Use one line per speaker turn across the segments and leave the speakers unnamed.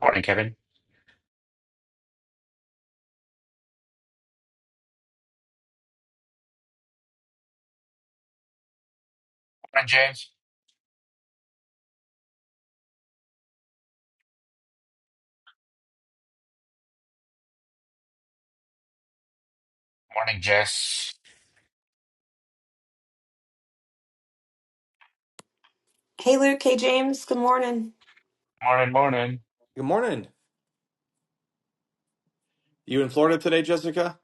Morning, Kevin. Morning, James. Morning, Jess.
Hey Luke, hey James, good morning.
Morning, morning.
Good morning. You in Florida today, Jessica?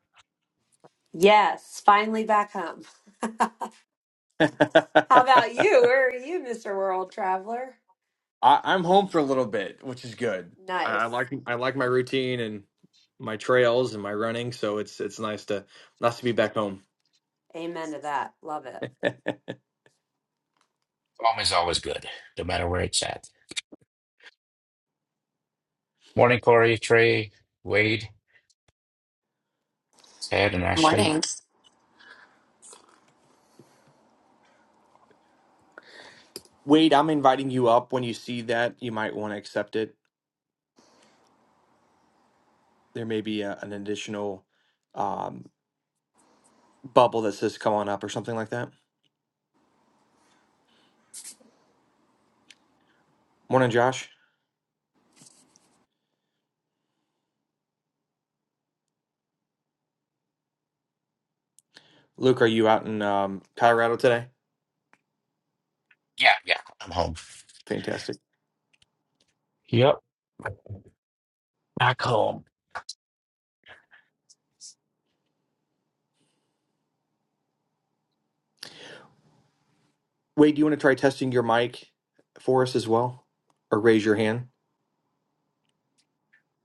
Yes, finally back home. How
I,
about you? Where are you, Mr. World Traveler?
I'm home for a little bit, which is good. I, I
Nice.
like I like my routine and my trails and my running, so it's it's nice to nice to be back home.
Amen to that. Love it.
Home is always good, no matter where it's at. Morning, Corey, Trey, Wade, Ted, and Ashley.
Mornings.
Wade, I'm inviting you up. When you see that, you might want to accept it. There may be a, an additional um, bubble that says "come on up" or something like that. Morning, Josh. Luke, are you out in um, Colorado today?
Yeah, yeah, I'm home.
Fantastic.
Yep, back home.
Wade, do you want to try testing your mic for us as well, or raise your hand?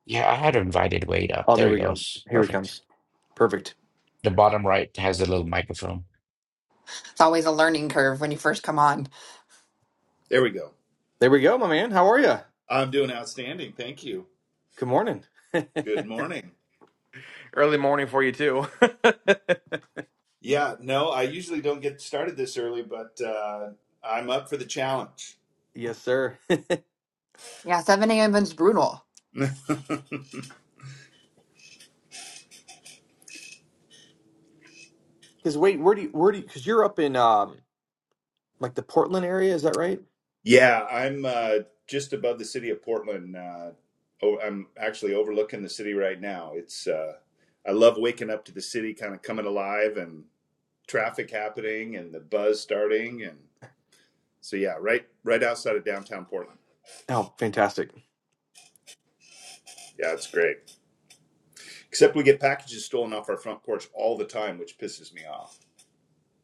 Yeah, I had invited Wade up.
Oh, there
There he
we go.
goes.
Here he
Perfect.
comes. Perfect.
The bottom right has a little microphone.
There we go.
There we go, my man. How are you?
I'm doing outstanding. Thank you.
Good morning.
Good morning.
Early morning for you too.
Yeah, no, I usually don't get started this early, but uh, I'm up for the challenge.
yes, sir.
Yeah, 7 a.m. is Brutal.
Because wait, where do you where do you? Because you're up in um like the Portland area, is that right?
yeah, I'm uh, just above the city of Portland. Uh, oh, I'm actually overlooking the city right now. It's uh, I love waking up to the city, kind of coming alive, and traffic happening, and the buzz starting, and so yeah, right, right outside of downtown Portland.
Oh, fantastic.
Yeah, it's great. Except we get packages stolen off our front porch all the time, which pisses me off.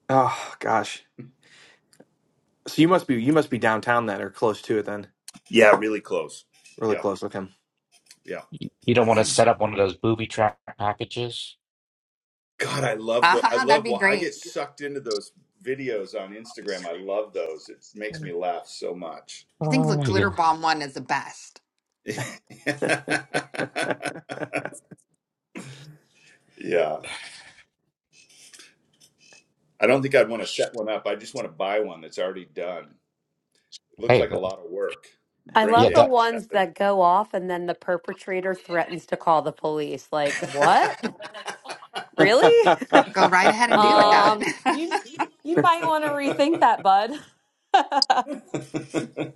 Oh gosh. So you must be you must be downtown then, or close to it then.
Yeah, really close.
Really
Yeah,
close. Okay.
yeah.
You you don't want to set up one of those booby trap packages?
God, I love the. I
uh that'd
love.
be
Well, I get
great.
sucked into those videos on Instagram. I love those. It makes me laugh so much.
I think
Oh
the
my
glitter
God.
bomb one is the best.
yeah, I don't think I'd want to set one up. I just want to buy one that's already done. It looks
Hey,
like a
th-
lot of work.
I
Brain
yeah,
love the
damage.
that.
ones that go off and then the perpetrator threatens to call the police. Like, what? Really?
Go right ahead and do
yeah.
that.
um, you you might want to rethink that, bud.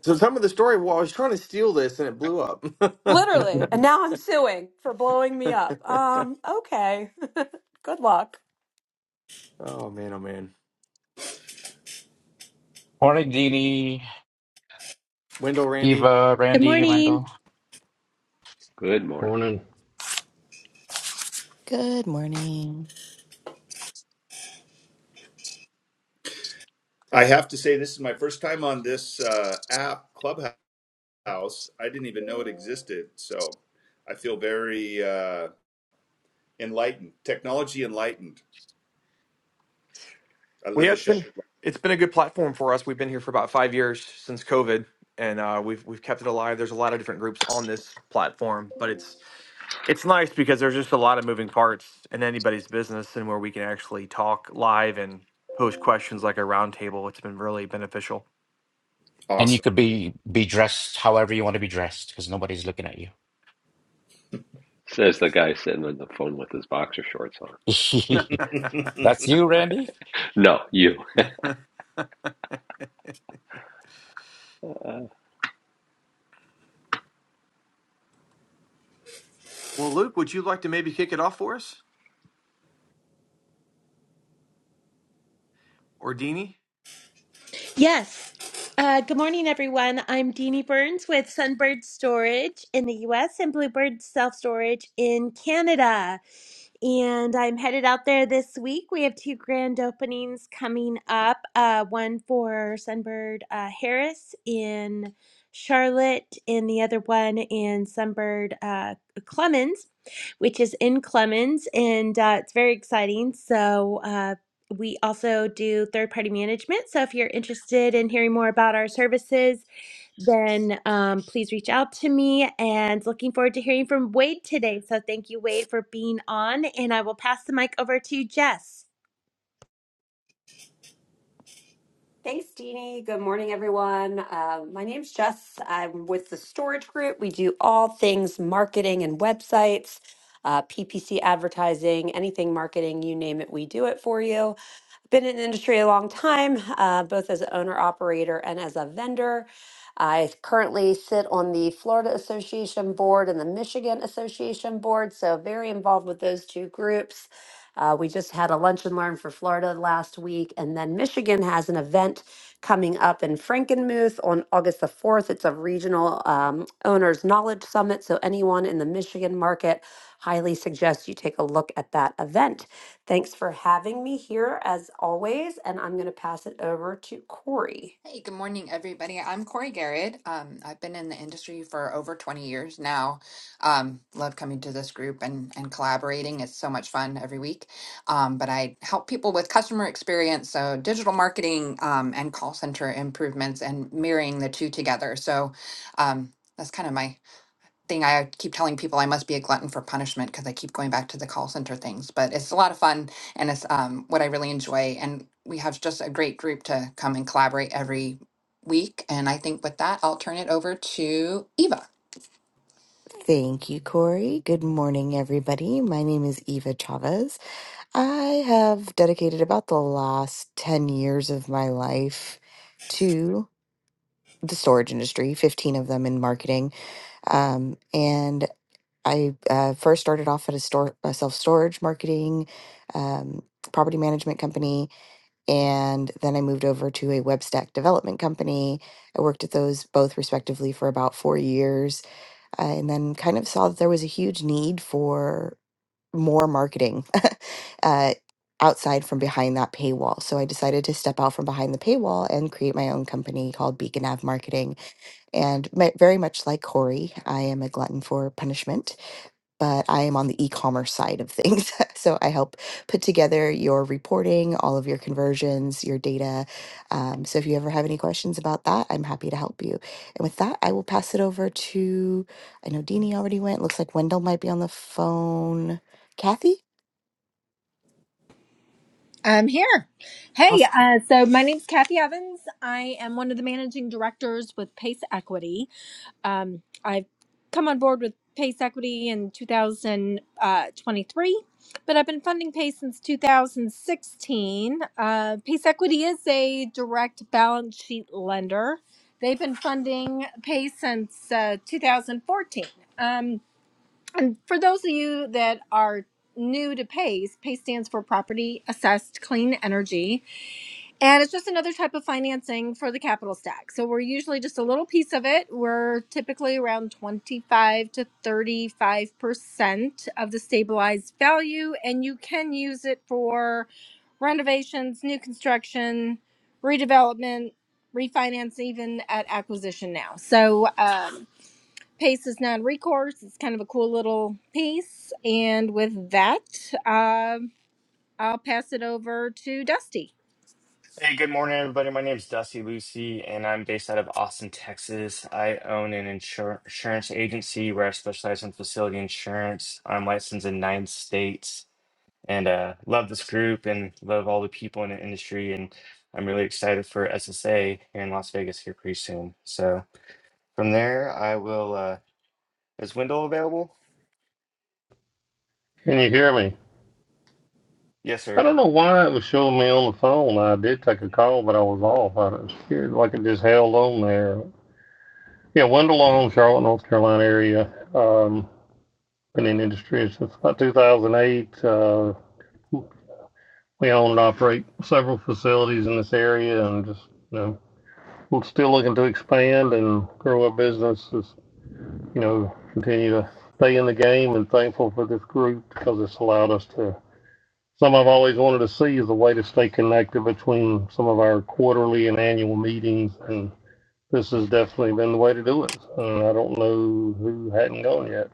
so some of the story. Well, I was trying to steal this and it blew up.
Literally. And now I'm suing for blowing me up. Um, okay. good luck.
oh man. Oh man.
Morning, Dini,
Wendell Randy.
Eva,
Good
Randy,
morning.
Wendell.
Good morning,
Morning.
Good morning.
I have to say, this is my first time on this uh, app, Clubhouse. I didn't even know it existed. So I feel very uh, enlightened, technology enlightened. I
Well,
live
yeah,
a
it's been
sheltered life.
it's been a good platform for us. We've been here for about five years since COVID, and uh, we've we've kept it alive. There's a lot of different groups on this platform, but it's it's nice because there's just a lot of moving parts in anybody's business, and where we can actually talk live and pose questions like a roundtable. It's been really beneficial.
And you
Awesome.
could be be dressed however you want to be dressed because nobody's looking at you.
says the guy sitting on the phone with his boxer shorts on.
That's you, Randy?
No, you.
well,
Uh,
Luke, would you like to maybe kick it off for us, or Deanie?
Yes. Uh, good morning, everyone. I'm Deanie Burns with Sunbird Storage in the US and Bluebird Self Storage in Canada. And I'm headed out there this week. We have two grand openings coming up uh, one for Sunbird uh, Harris in Charlotte, and the other one in Sunbird uh, Clemens which is in Clemens, and uh, it's very exciting. So, uh, we also do third party management. So if you're interested in hearing more about our services, then um, please reach out to me. And looking forward to hearing from Wade today. So thank you, Wade, for being on. And I will pass the mic over to Jess.
Thanks, Deanie. Good morning, everyone. Uh, my name's Jess. I'm with the Storage Group. We do all things marketing and websites, uh, PPC advertising, anything marketing, you name it, we do it for you. Been in the industry a long time, uh, both as an owner operator and as a vendor. I currently sit on the Florida Association Board and the Michigan Association Board, so very involved with those two groups. Uh, we just had a lunch and learn for Florida last week. And then Michigan has an event coming up in Frankenmuth on August the 4th. It's a regional um, owners knowledge summit. So, anyone in the Michigan market, highly suggest you take a look at that event. Thanks for having me here as always. And I'm going to pass it over to Corey.
hey, good morning, everybody. I'm Corey Garrett. Um, I've been in the industry for over 20 years now. Um, love coming to this group and, and collaborating. It's so much fun every week. Um, but I help people with customer experience, so digital marketing um, and call center improvements and mirroring the two together. So um, that's kind of my thing I keep telling people I must be a glutton for punishment because I keep going back to the call center things. But it's a lot of fun and it's um, what I really enjoy. And we have just a great group to come and collaborate every week. And I think with that, I'll turn it over to Eva.
Thank you, Corey. Good morning, everybody. My name is Eva Chavez. I have dedicated about the last 10 years of my life to the storage industry, 15 of them in marketing. Um, and I uh, first started off at a, store, a self storage marketing um, property management company. And then I moved over to a web stack development company. I worked at those both respectively for about four years and then kind of saw that there was a huge need for more marketing uh, outside from behind that paywall. So I decided to step out from behind the paywall and create my own company called Beacon Ave Marketing. And mi- very much like Corey, I am a glutton for punishment but I am on the e-commerce side of things. so I help put together your reporting, all of your conversions, your data. Um, so if you ever have any questions about that, I'm happy to help you. And with that, I will pass it over to. I know Deanie already went. Looks like Wendell might be on the phone. Kathy.
I'm here. Hey,
Awesome.
uh, so my name's Kathy Evans. I am one of the managing directors with Pace Equity. Um, I've come on board with Pace Equity in 2023, but I've been funding Pace since 2016. Uh, Pace Equity is a direct balance sheet lender. They've been funding Pace since uh, 2014. Um, and for those of you that are new to PACE, PACE stands for Property Assessed Clean Energy, and it's just another type of financing for the capital stack. So we're usually just a little piece of it. We're typically around 25 to 35% of the stabilized value, and you can use it for renovations, new construction, redevelopment, refinance, even at acquisition now. So, um, Pace is non recourse. It's kind of a cool little piece. And with that, um, I'll pass it over to Dusty.
Hey, good morning, everybody. My name is Dusty Lucy, and I'm based out of Austin, Texas. I own an insur- insurance agency where I specialize in facility insurance. I'm licensed in nine states and uh, love this group and love all the people in the industry. And I'm really excited for SSA here in Las Vegas here pretty soon. So from there, I will. Uh, is Wendell available?
Can you hear me?
Yes, sir.
I don't know why it was showing me on the phone. I did take a call, but I was off. I was scared like it just held on there. Yeah, Wendell Charlotte, North Carolina area. Um, been in industry since about 2008. Uh, we own and operate several facilities in this area, and just you know, we're still looking to expand and grow our business. Just, you know, continue to stay in the game, and thankful for this group because it's allowed us to Some I've always wanted to see is a way to stay connected between some of our quarterly and annual meetings, and this has definitely been the way to do it. Uh, I don't know who hadn't gone yet.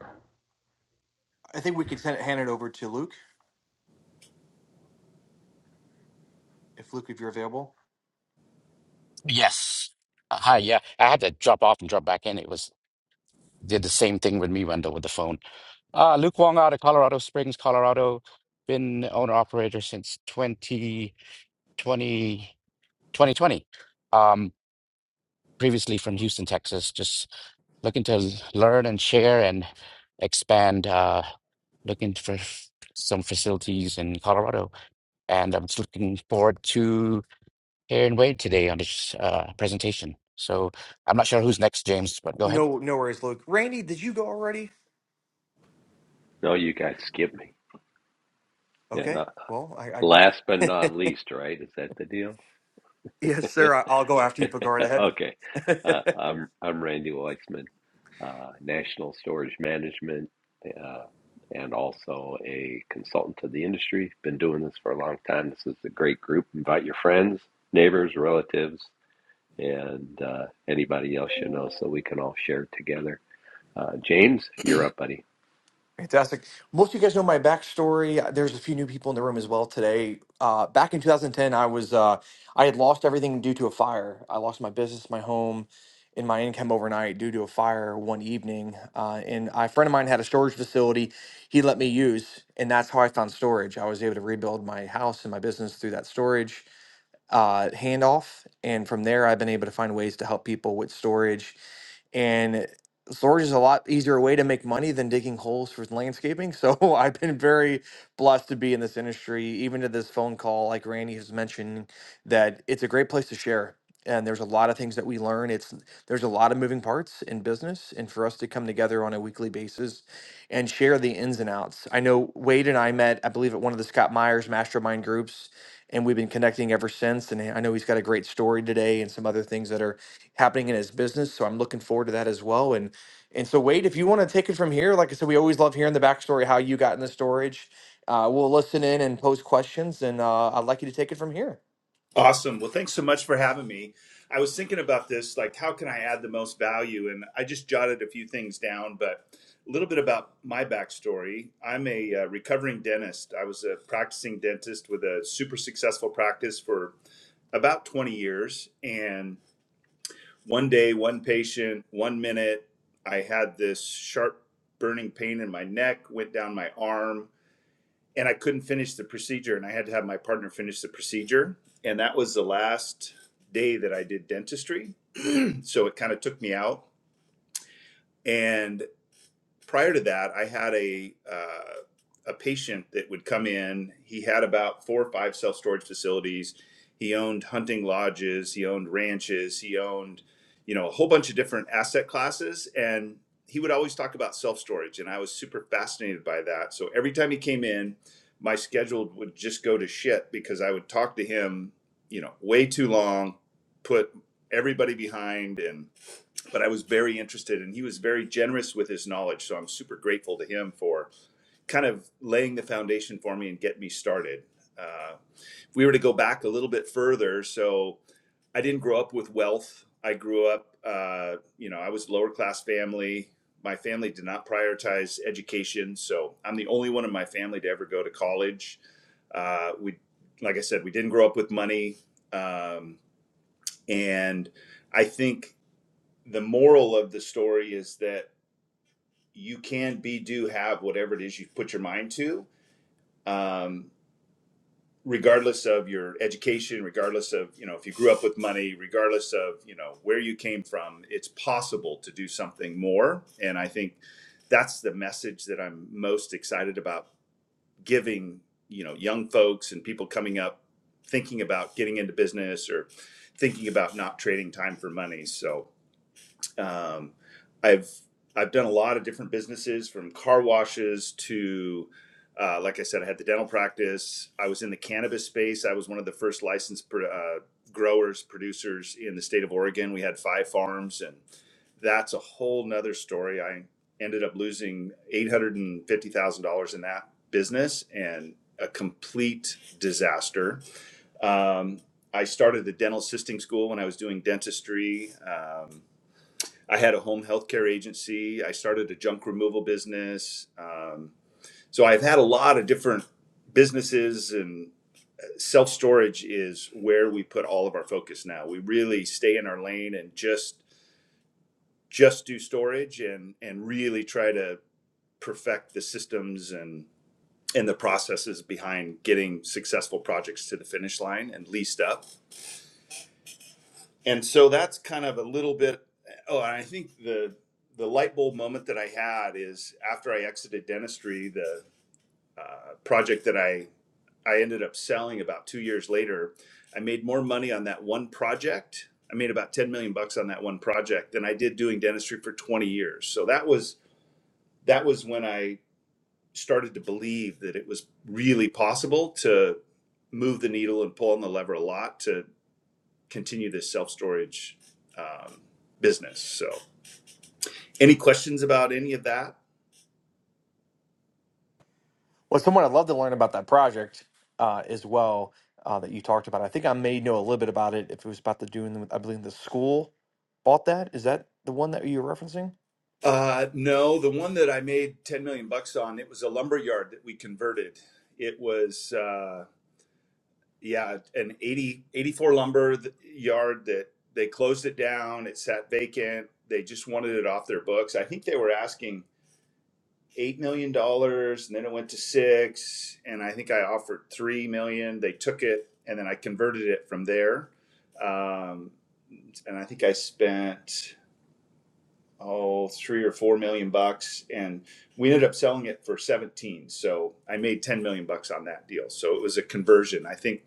I think we can send it, hand it over to Luke if Luke, if you're available.
Yes. Uh, Hi, yeah. I had to drop off and drop back in. It was did the same thing with me, Wendell, with the phone. Uh, Luke Wong out of Colorado Springs, Colorado. Been owner operator since twenty twenty twenty twenty. Um, previously from Houston, Texas. Just looking to l- learn and share and expand. Uh, looking for f- some facilities in Colorado and I'm just looking forward to hearing Wade today on this uh, presentation. So I'm not sure who's next, James, but go ahead.
No, no worries, Luke. Randy, did you go already?
no, you guys skip me. Yeah,
Okay.
not
Well, I,
last but
I
not least, right? Is that the deal?
yes, sir. I, I'll go after you, but go right ahead.
Okay. Uh, I'm I'm Randy Weissman, uh, National Storage Management, uh, and also a consultant to the industry. Been doing this for a long time. This is a great group. Invite your friends, neighbors, relatives, and uh, anybody else you know, so we can all share together. Uh, James, you're up, buddy.
Fantastic. Most of you guys know my backstory. Uh, There's a few new people in the room as well today. Uh, back in 2010, I was uh, I had lost everything due to a fire. I lost my business, my home, and my income overnight due to a fire one evening. Uh, and a friend of mine had a storage facility he let me use, and that's how I found storage. I was able to rebuild my house and my business through that storage uh, handoff. And from there, I've been able to find ways to help people with storage. And storage is a lot easier way to make money than digging holes for landscaping. So I've been very blessed to be in this industry, even to this phone call, like Randy has mentioned, that it's a great place to share. And there's a lot of things that we learn. It's there's a lot of moving parts in business, and for us to come together on a weekly basis and share the ins and outs. I know Wade and I met, I believe, at one of the Scott Myers mastermind groups, and we've been connecting ever since. And I know he's got a great story today and some other things that are happening in his business. So I'm looking forward to that as well. And and so Wade, if you want to take it from here, like I said, we always love hearing the backstory how you got in the storage. Uh, we'll listen in and pose questions, and uh, I'd like you to take it from here.
awesome. Well, thanks so much for having me. I was thinking about this, like, how can I add the most value? And I just jotted a few things down, but a little bit about my backstory. I'm a uh, recovering dentist. I was a practicing dentist with a super successful practice for about 20 years. And one day, one patient, one minute, I had this sharp burning pain in my neck, went down my arm, and I couldn't finish the procedure. And I had to have my partner finish the procedure. And that was the last day that I did dentistry. So it kind of took me out. And prior to that, I had a uh, a patient that would come in. He had about four or five self storage facilities. He owned hunting lodges. He owned ranches. He owned, you know, a whole bunch of different asset classes. And he would always talk about self storage, and I was super fascinated by that. So every time he came in, my schedule would just go to shit because I would talk to him, you know, way too long, put everybody behind, and but I was very interested and he was very generous with his knowledge. So I'm super grateful to him for kind of laying the foundation for me and get me started. Uh, if we were to go back a little bit further, so I didn't grow up with wealth. I grew up, uh, you know, I was lower class family. My family did not prioritize education. So I'm the only one in my family to ever go to college. Uh, we, like I said, we didn't grow up with money. Um, and I think the moral of the story is that you can be, do, have whatever it is you put your mind to, um, regardless of your education, regardless of you know if you grew up with money, regardless of you know where you came from. It's possible to do something more, and I think that's the message that I'm most excited about giving. You know, young folks and people coming up thinking about getting into business or thinking about not trading time for money. So Um, I've I've done a lot of different businesses from car washes to uh, like I said, I had the dental practice. I was in the cannabis space. I was one of the first licensed pro- uh, growers, producers in the state of Oregon. We had five farms, and that's a whole nother story. I ended up losing eight hundred and fifty thousand dollars in that business, and a complete disaster. Um, I started the dental assisting school when I was doing dentistry. Um, I had a home healthcare agency. I started a junk removal business. Um, so I've had a lot of different businesses, and self storage is where we put all of our focus now. We really stay in our lane and just just do storage and and really try to perfect the systems and and the processes behind getting successful projects to the finish line and leased up. and so that's kind of a little bit oh and i think the the light bulb moment that i had is after i exited dentistry the uh, project that i i ended up selling about two years later i made more money on that one project i made about 10 million bucks on that one project than i did doing dentistry for 20 years so that was that was when i started to believe that it was really possible to move the needle and pull on the lever a lot to continue this self storage um, business. So, any questions about any of that?
Well, someone I'd love to learn about that project uh, as well uh, that you talked about. I think I may know a little bit about it if it was about the doing. I believe the school bought that. Is that the one that you're referencing?
Uh, no, the one that I made 10 million bucks on, it was a lumber yard that we converted. It was, uh, yeah, an 80 84 lumber yard that they closed it down. It sat vacant. They just wanted it off their books. I think they were asking $8 million dollars and then it went to six. And I think I offered 3 million. They took it and then I converted it from there. Um, and I think I spent oh three or four million bucks, and we ended up selling it for seventeen. So I made ten million bucks on that deal. So it was a conversion. I think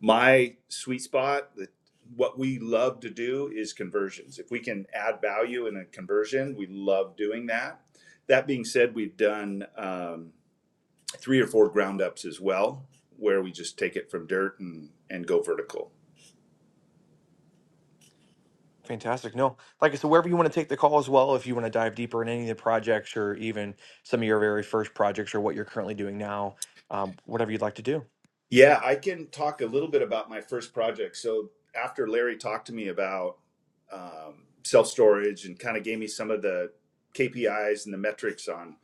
my sweet spot, the, what we love to do, is conversions. If we can add value in a conversion, we love doing that. That being said, we've done um, three or four ground ups as well, where we just take it from dirt and and go vertical.
Fantastic. No, like I said, wherever you want to take the call as well, if you want to dive deeper in any of the projects or even some of your very first projects or what you're currently doing now, um, whatever you'd like to do.
Yeah, I can talk a little bit about my first project. So after Larry talked to me about um, self storage and kind of gave me some of the KPIs and the metrics on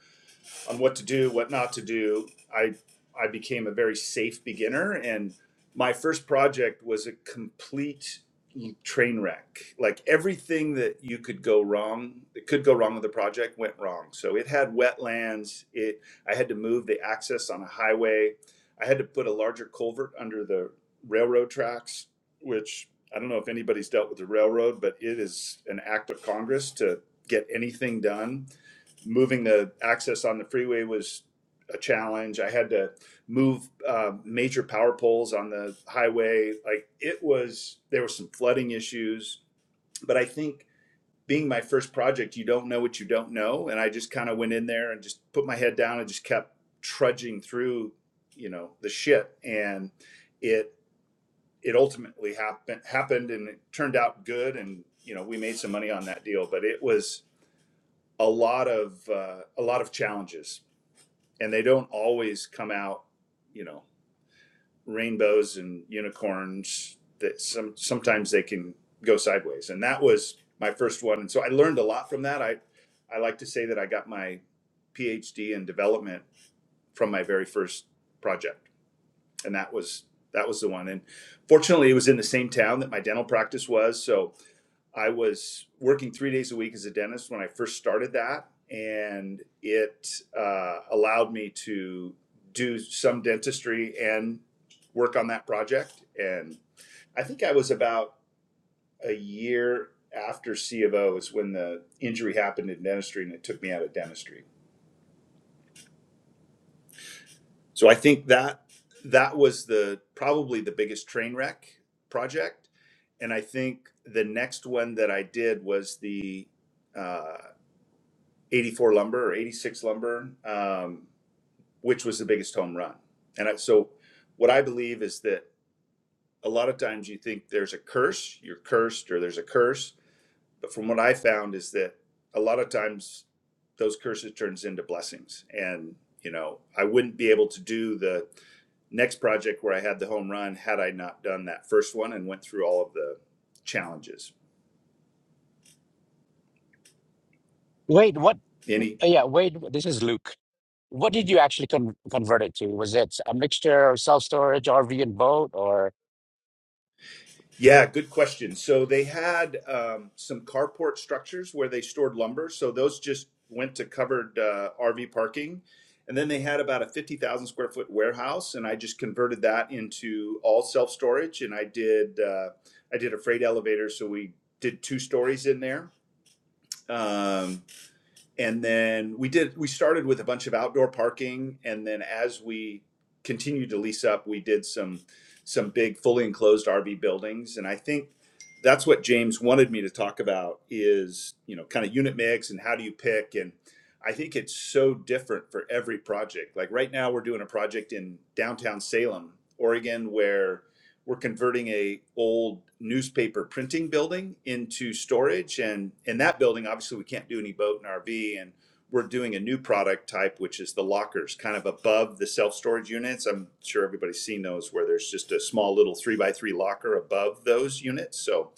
on what to do, what not to do, I I became a very safe beginner and my first project was a complete train wreck. Like everything that you could go wrong, that could go wrong with the project went wrong. So it had wetlands, it I had to move the access on a highway. I had to put a larger culvert under the railroad tracks, which I don't know if anybody's dealt with the railroad, but it is an act of Congress to get anything done moving the access on the freeway was a challenge. I had to move uh, major power poles on the highway. Like it was, there was some flooding issues. But I think being my first project, you don't know what you don't know. And I just kind of went in there and just put my head down and just kept trudging through, you know, the shit. And it, it ultimately happened happened and it turned out good and you know we made some money on that deal but it was a lot of uh, a lot of challenges and they don't always come out, you know, rainbows and unicorns. That some sometimes they can go sideways, and that was my first one. And so I learned a lot from that. I I like to say that I got my PhD in development from my very first project, and that was that was the one. And fortunately, it was in the same town that my dental practice was, so I was working three days a week as a dentist when I first started that, and it uh, allowed me to do some dentistry and work on that project. And I think I was about a year after C of O is when the injury happened in dentistry, and it took me out of dentistry. So I think that that was the probably the biggest train wreck project, and I think the next one that I did was the uh, 84 lumber or 86 lumber, um, which was the biggest home run. And I, so, what I believe is that a lot of times you think there's a curse, you're cursed, or there's a curse. But from what I found is that a lot of times those curses turns into blessings. And you know, I wouldn't be able to do the next project where I had the home run had I not done that first one and went through all of the challenges.
Wade, what? uh,
Any
Yeah, Wade, this is Luke. What did you actually con convert it to? Was it a mixture of self-storage, RV, and boat, or?
Yeah, good question. So they had um, some carport structures where they stored lumber. So those just went to covered uh, RV parking. And then they had about a 50,000 square foot warehouse, and I just converted that into all self storage. And I did uh, I did a freight elevator, so we did two stories in there. Um, and then we did we started with a bunch of outdoor parking and then as we continued to lease up we did some some big fully enclosed rv buildings and i think that's what james wanted me to talk about is you know kind of unit mix and how do you pick and i think it's so different for every project like right now we're doing a project in downtown salem oregon where we're converting a old newspaper printing building into storage and in that building obviously we can't do any boat and rv and we're doing a new product type which is the lockers kind of above the self-storage units i'm sure everybody's seen those where there's just a small little three by three locker above those units so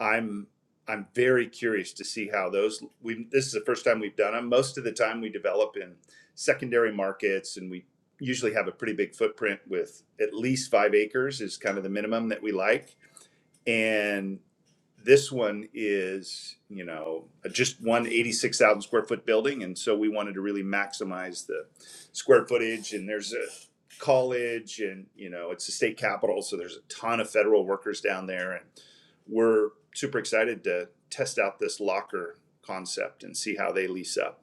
I'm I'm very curious to see how those we this is the first time we've done them. Most of the time we develop in secondary markets and we usually have a pretty big footprint with at least 5 acres is kind of the minimum that we like and this one is, you know, just one 86,000 square foot building. And so we wanted to really maximize the square footage. And there's a college and, you know, it's the state capital. So there's a ton of federal workers down there. And we're super excited to test out this locker concept and see how they lease up.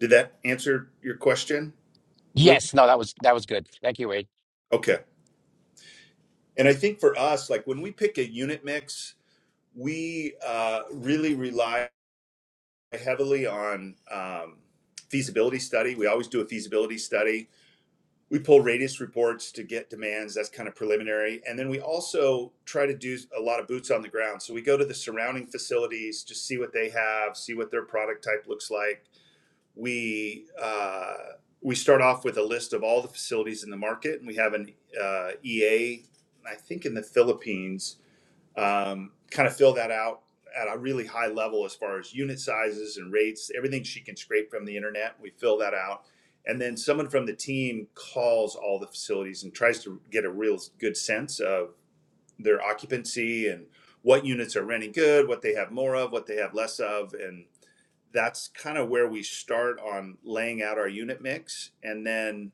Did that answer your question, Luke?
Yes, no, that was that was good. Thank you, Wade.
Okay. And I think for us, like when we pick a unit mix, we uh, really rely heavily on um, feasibility study. We always do a feasibility study. We pull radius reports to get demands. That's kind of preliminary. And then we also try to do a lot of boots on the ground. So we go to the surrounding facilities, just see what they have, see what their product type looks like. We uh, we start off with a list of all the facilities in the market, and we have an uh, EA, I think, in the Philippines um, kind of fill that out at a really high level as far as unit sizes and rates, everything she can scrape from the internet. We fill that out. And then someone from the team calls all the facilities and tries to get a real good sense of their occupancy and what units are renting good, what they have more of, what they have less of, and that's kind of where we start on laying out our unit mix. And then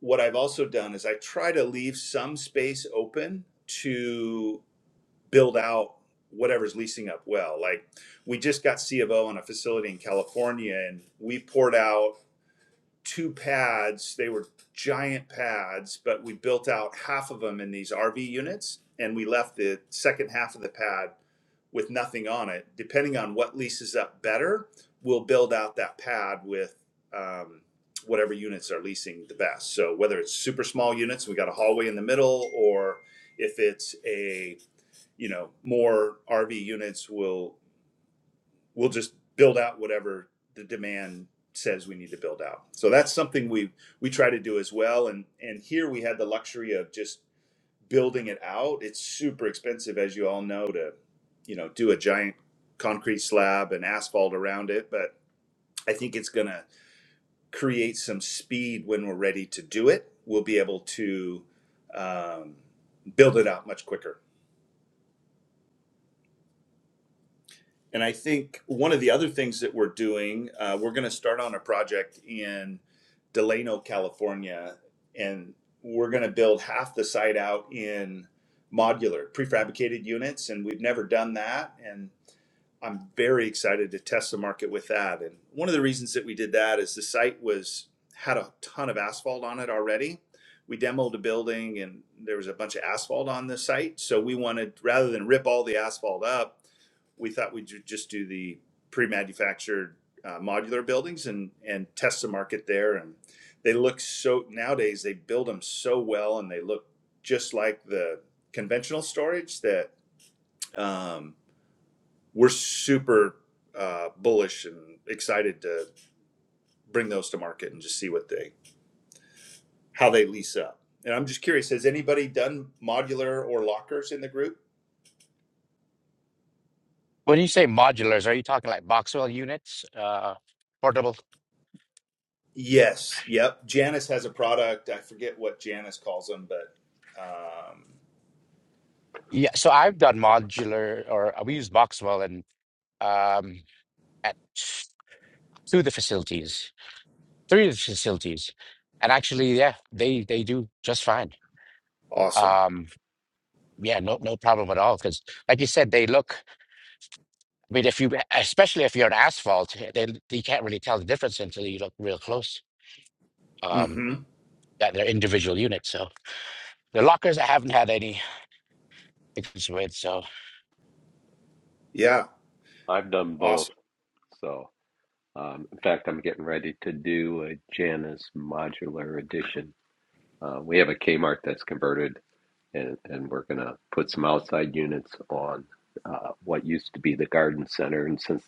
what I've also done is I try to leave some space open to build out whatever's leasing up well. Like we just got C of O on a facility in California and we poured out two pads. They were giant pads, but we built out half of them in these RV units and we left the second half of the pad with nothing on it. Depending on what leases up better, we'll build out that pad with um, whatever units are leasing the best. So whether it's super small units, we got a hallway in the middle, or if it's a you know, more RV units will will just build out whatever the demand says we need to build out. So that's something we we try to do as well. And and here we had the luxury of just building it out. It's super expensive, as you all know, to you know do a giant concrete slab and asphalt around it. But I think it's going to create some speed when we're ready to do it. We'll be able to um, build it out much quicker. And I think one of the other things that we're doing, uh, we're going to start on a project in Delano, California, and we're going to build half the site out in modular prefabricated units. And we've never done that. And I'm very excited to test the market with that. And one of the reasons that we did that is the site was had a ton of asphalt on it already. We demoed a building and there was a bunch of asphalt on the site. So we wanted rather than rip all the asphalt up, we thought we'd ju- just do the pre-manufactured uh, modular buildings and and test the market there. And they look so nowadays they build them so well and they look just like the conventional storage that. Um, we're super uh, bullish and excited to bring those to market and just see what they how they lease up. And I'm just curious, has anybody done modular or lockers in the group?
When you say modulars, are you talking like Boxwell units, uh, portable?
Yes. Yep. Janice has a product. I forget what Janice calls them, but um,
Yeah, so I've done modular, or we use Boxwell, and. um, at through the facilities, through the facilities, and actually, yeah, they they do just fine.
awesome.
Um, yeah, no no problem at all. Because, like you said, they look. I mean, if you, especially if you're on asphalt, they you can't really tell the difference until you look real close. Um,
Mm-hmm.
that they're individual units. So the lockers, I haven't had any issues with. So
Yeah.
I've done both.
Awesome.
So, um, in fact, I'm getting ready to do a Janus modular addition. Uh, we have a Kmart that's converted, and, and we're going to put some outside units on uh, what used to be the garden center. And since,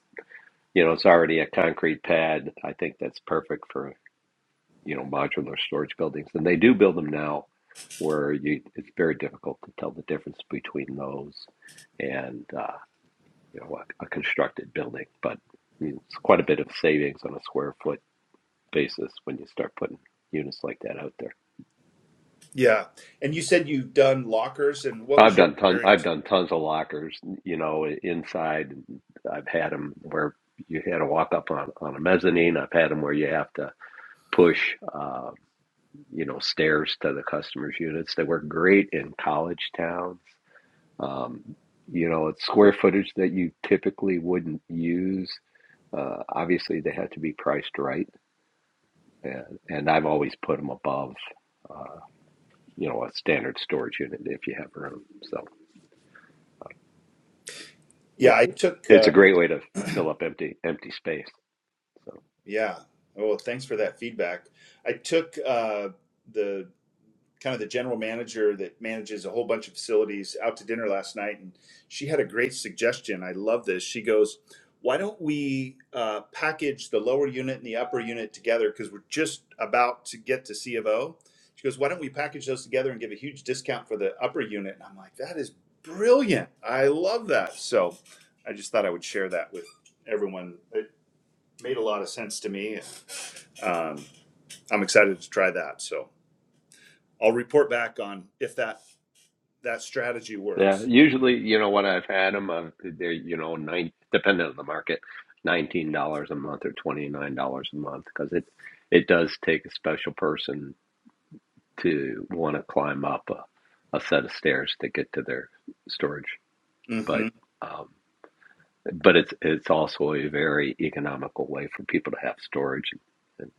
you know, it's already a concrete pad, I think that's perfect for, you know, modular storage buildings. And they do build them now where you, it's very difficult to tell the difference between those. and uh, you know, a, a constructed building. But it's quite a bit of savings on a square foot basis when you start putting units like that out there.
Yeah. And you said you've done lockers, and what
I've
was your
done tons. I've
experience?
done tons of lockers, you know, inside. I've had them where you had to walk up on, on a mezzanine. I've had them where you have to push, uh, you know, stairs to the customers' units. They work great in college towns. Um, you know, it's square footage that you typically wouldn't use. Uh, obviously, they have to be priced right and, and I've always put them above, uh, you know, a standard storage unit if you have room. So
Yeah,
it's
I took.
it's a
Uh,
great way to fill up empty empty space. So
yeah. Oh, thanks for that feedback. I took uh, the kind of the general manager that manages a whole bunch of facilities out to dinner last night and she had a great suggestion i love this she goes why don't we uh, package the lower unit and the upper unit together because we're just about to get to c of o she goes why don't we package those together and give a huge discount for the upper unit and i'm like that is brilliant i love that so i just thought i would share that with everyone it made a lot of sense to me um, i'm excited to try that so I'll report back on if that that strategy
yeah,
works.
usually you know what I've had them, uh, they're you know nine depending on the market, nineteen dollars a month or twenty nine dollars a month because it it does take a special person to want to climb up a, a set of stairs to get to their storage, but.
Mm-hmm.
um, but it's it's also a very economical way for people to have storage, and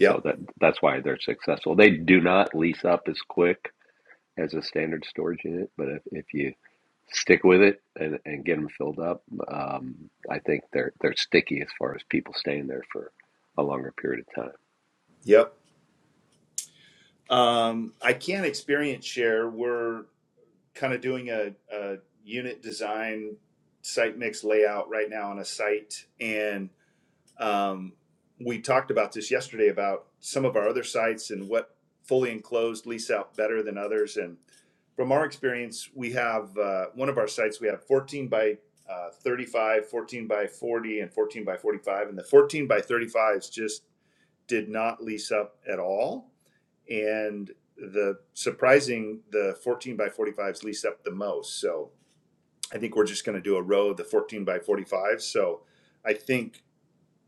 so that that's why they're successful. They do not lease up as quick as a standard storage unit, but if, if you stick with it and, and get them filled up, um, I think they're they're sticky as far as people staying there for a longer period of time.
Yep. Um, I can't experience share. We're kind of doing a, a unit design site mix layout right now on a site. And um, we talked about this yesterday about some of our other sites and what fully enclosed lease out better than others. And from our experience, we have uh, one of our sites, we have 14 by uh, 35, 14 by 40, and 14 by 45. And the 14 by 35 is just did not lease up at all. And the surprising, the 14 by 45s leased up the most. So I think we're just going to do a row of the 14 by 45s. So I think,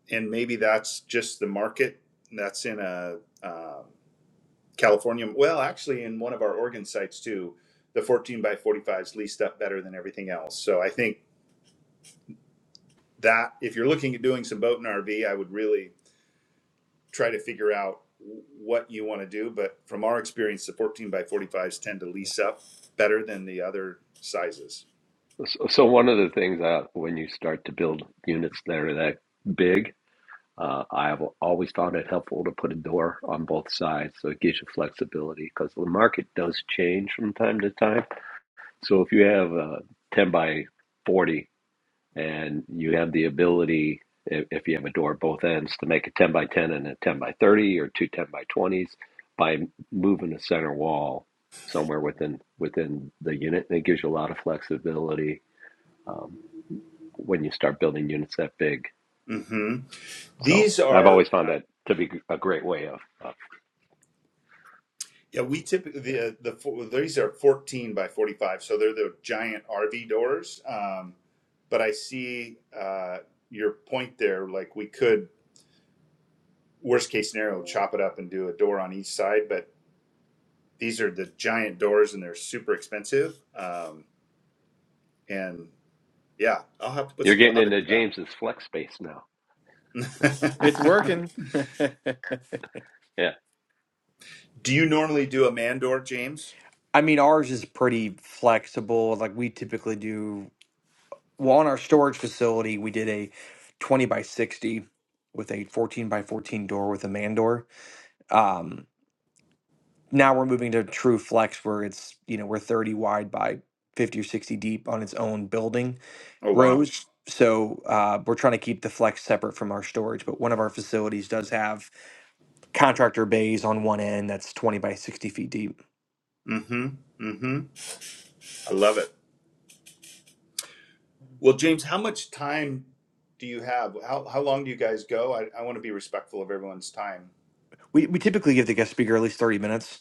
and maybe that's just the market that's in a um, California. Well, actually, in one of our Oregon sites too, the 14 by 45s leased up better than everything else. So I think that if you're looking at doing some boat and RV, I would really try to figure out what you want to do. But from our experience, the 14 by 45s tend to lease up better than the other sizes.
So, so one of the things that when you start to build units that are that big, Uh, I've always found it helpful to put a door on both sides, so it gives you flexibility because the market does change from time to time. So if you have a 10 by 40 and you have the ability, if, you have a door at both ends, to make a 10 by 10 and a 10 by 30 or two 10 by 20s by moving the center wall somewhere within within the unit, and it gives you a lot of flexibility um, when you start building units that big.
hmm
So
These
I've
are
always found
uh,
that to be a great way of uh,
yeah. We typically
Yeah.
the uh, the fo- these are 14 by 45, so they're the giant RV doors. Um, but I see uh, your point there. Like we could worst case scenario chop it up and do a door on each side, but these are the giant doors and they're super expensive. Um, and yeah, I'll have to put
You're
some
getting
thought
into
into that.
James's flex space now.
It's working.
Yeah.
do you normally do a mandor, James?
I mean, ours is pretty flexible. Like we typically do, well, on our storage facility, we did a 20 by 60 with a 14 by 14 door with a man door. Um, now we're moving to true flex where it's, you know, we're 30 wide by 50 or 60 deep on its own building.
Oh wow.
rows. So uh, we're trying to keep the flex separate from our storage, but one of our facilities does have contractor bays on one end that's 20 by 60 feet deep.
Mm-hmm. Mm-hmm. I love it. Well, James, how much time do you have? How how long do you guys go? I, I want to be respectful of everyone's time.
We, we typically give the guest speaker at least 30 minutes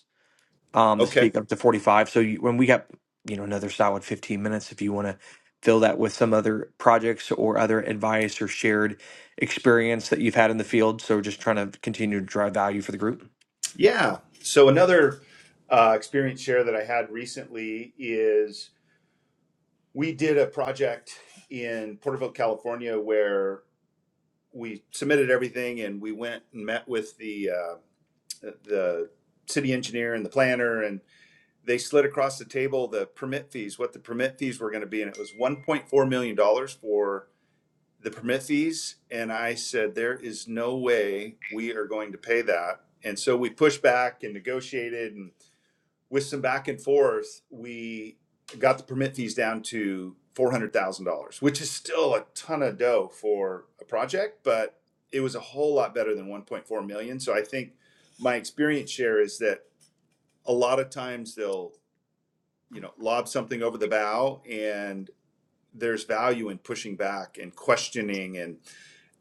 um, to
Okay.
speak up to 45. So you, when we got, you know, another solid 15 minutes, if you want to fill that with some other projects or other advice or shared experience that you've had in the field. So we're just trying to continue to drive value for the group.
Yeah. So another uh, experience share that I had recently is we did a project in Porterville, California, where we submitted everything and we went and met with the uh, the city engineer and the planner and they slid across the table the permit fees, what the permit fees were going to be, and it was one point four million dollars for the permit fees. And I said, there is no way we are going to pay that. And so we pushed back and negotiated, and with some back and forth, we got the permit fees down to four hundred thousand dollars, which is still a ton of dough for a project, but it was a whole lot better than one point four million. So I think my experience share is that a lot of times they'll you know, lob something over the bow and there's value in pushing back and questioning and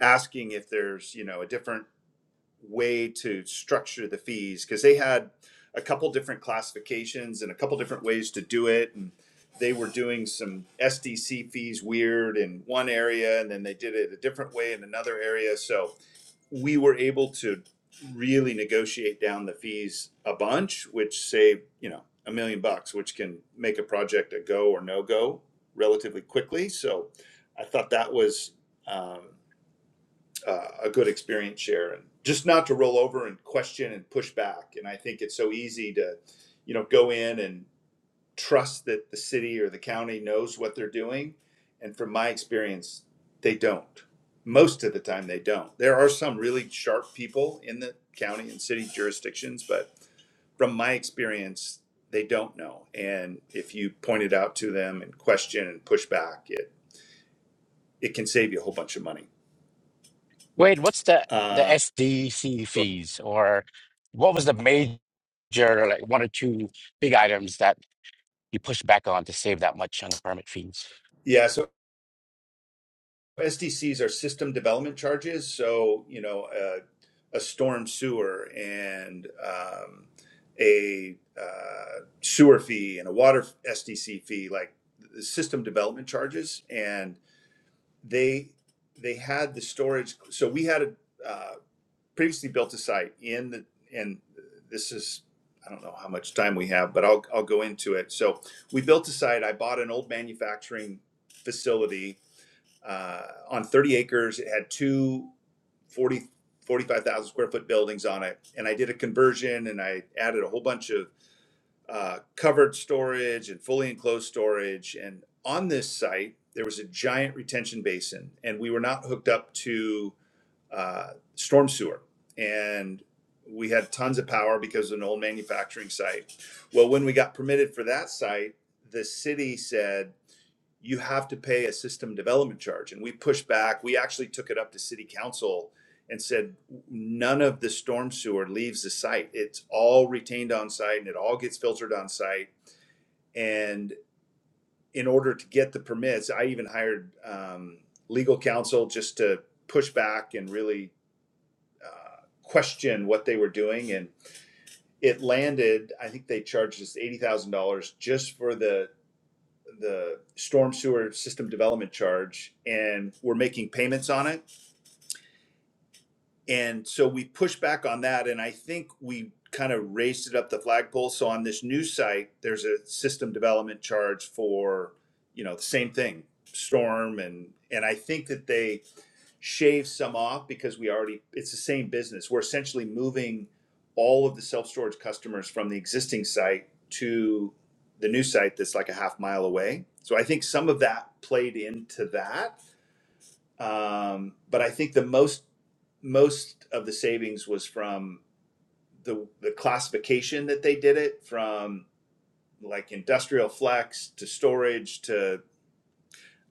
asking if there's, you know, a different way to structure the fees because they had a couple different classifications and a couple different ways to do it and they were doing some SDC fees weird in one area and then they did it a different way in another area. So we were able to really negotiate down the fees a bunch, which saved, you know, a million bucks, which can make a project a go or no go relatively quickly. So I thought that was um, uh, a good experience share and just not to roll over and question and push back. And I think it's so easy to, you know, go in and trust that the city or the county knows what they're doing. And from my experience, they don't. Most of the time, they don't. There are some really sharp people in the county and city jurisdictions, but from my experience, they don't know. And if you point it out to them and question and push back, it, it can save you a whole bunch of money.
Wade, what's the the
Uh,
SDC fees, or what was the major like one or two big items that you push back on to save that much on the permit fees.
yeah, so SDCs are system development charges. So, you know, uh, a storm sewer and um, a uh, sewer fee and a water SDC fee, like the system development charges, and they they had the storage. So we had a uh, previously built a site in the and this is I don't know how much time we have, but I'll I'll go into it. So we built a site. I bought an old manufacturing facility uh, on 30 acres. It had two 40, 45,000 square foot buildings on it. And I did a conversion and I added a whole bunch of uh, covered storage and fully enclosed storage. And on this site, there was a giant retention basin, and we were not hooked up to uh, storm sewer. And we had tons of power because of an old manufacturing site. Well, when we got permitted for that site, the city said, you have to pay a system development charge. And we pushed back. We actually took it up to city council and said, none of the storm sewer leaves the site. It's all retained on site and it all gets filtered on site. And in order to get the permits, I even hired um, legal counsel just to push back and really uh, question what they were doing. And it landed, I think they charged us $80,000 just for the the storm sewer system development charge and we're making payments on it. And so we pushed back on that. And I think we kind of raised it up the flagpole. So on this new site, there's a system development charge for, you know, the same thing, storm and and I think that they shave some off because we already it's the same business. We're essentially moving all of the self-storage customers from the existing site to the new site that's like a half mile away. So I think some of that played into that. Um, but I think the most most of the savings was from the the classification that they did it from like industrial flex to storage to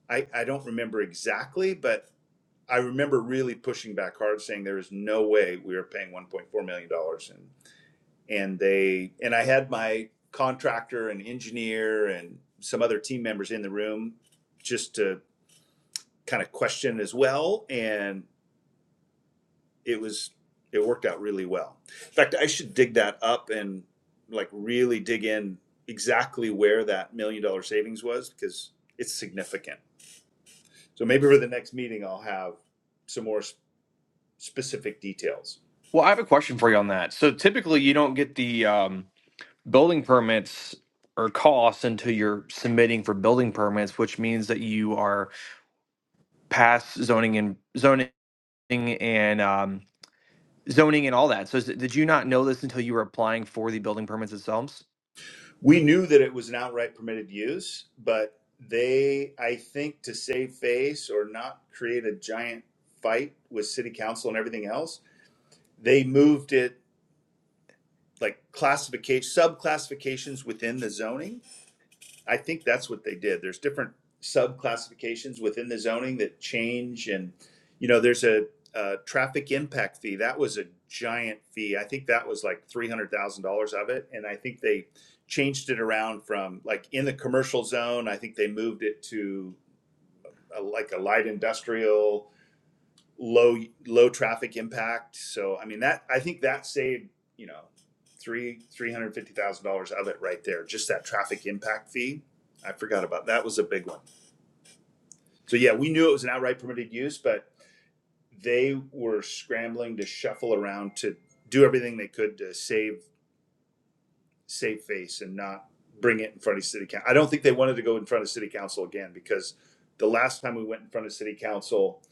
I, I don't remember exactly, but I remember really pushing back hard, saying there is no way we are paying 1.4 million dollars, and and they and I had my contractor and engineer and some other team members in the room just to kind of question as well, and it was it worked out really well. In fact, I should dig that up and like really dig in exactly where that million dollar savings was because it's significant. So maybe for the next meeting, I'll have some more s- specific details.
Well, I have a question for you on that. So typically you don't get the, um, building permits or costs until you're submitting for building permits, which means that you are past zoning and zoning and um, zoning and all that. So, is- did you not know this until you were applying for the building permits themselves?
We knew that it was an outright permitted use, but they, I think, to save face or not create a giant fight with city council and everything else, they moved it like classification, sub classifications within the zoning. I think that's what they did. There's different sub classifications within the zoning that change, and you know, there's a, uh traffic impact fee. That was a giant fee. I think that was like three hundred thousand dollars of it, and I think they changed it around from like in the commercial zone. I think they moved it to uh like a light industrial low low traffic impact. So I mean that I think that saved you know three three hundred fifty thousand dollars of it right there. Just that traffic impact fee. I forgot about that was a big one. So yeah, we knew it was an outright permitted use, but they were scrambling to shuffle around to do everything they could to save save face and not bring it in front of city council. I don't think they wanted to go in front of city council again because the last time we went in front of city council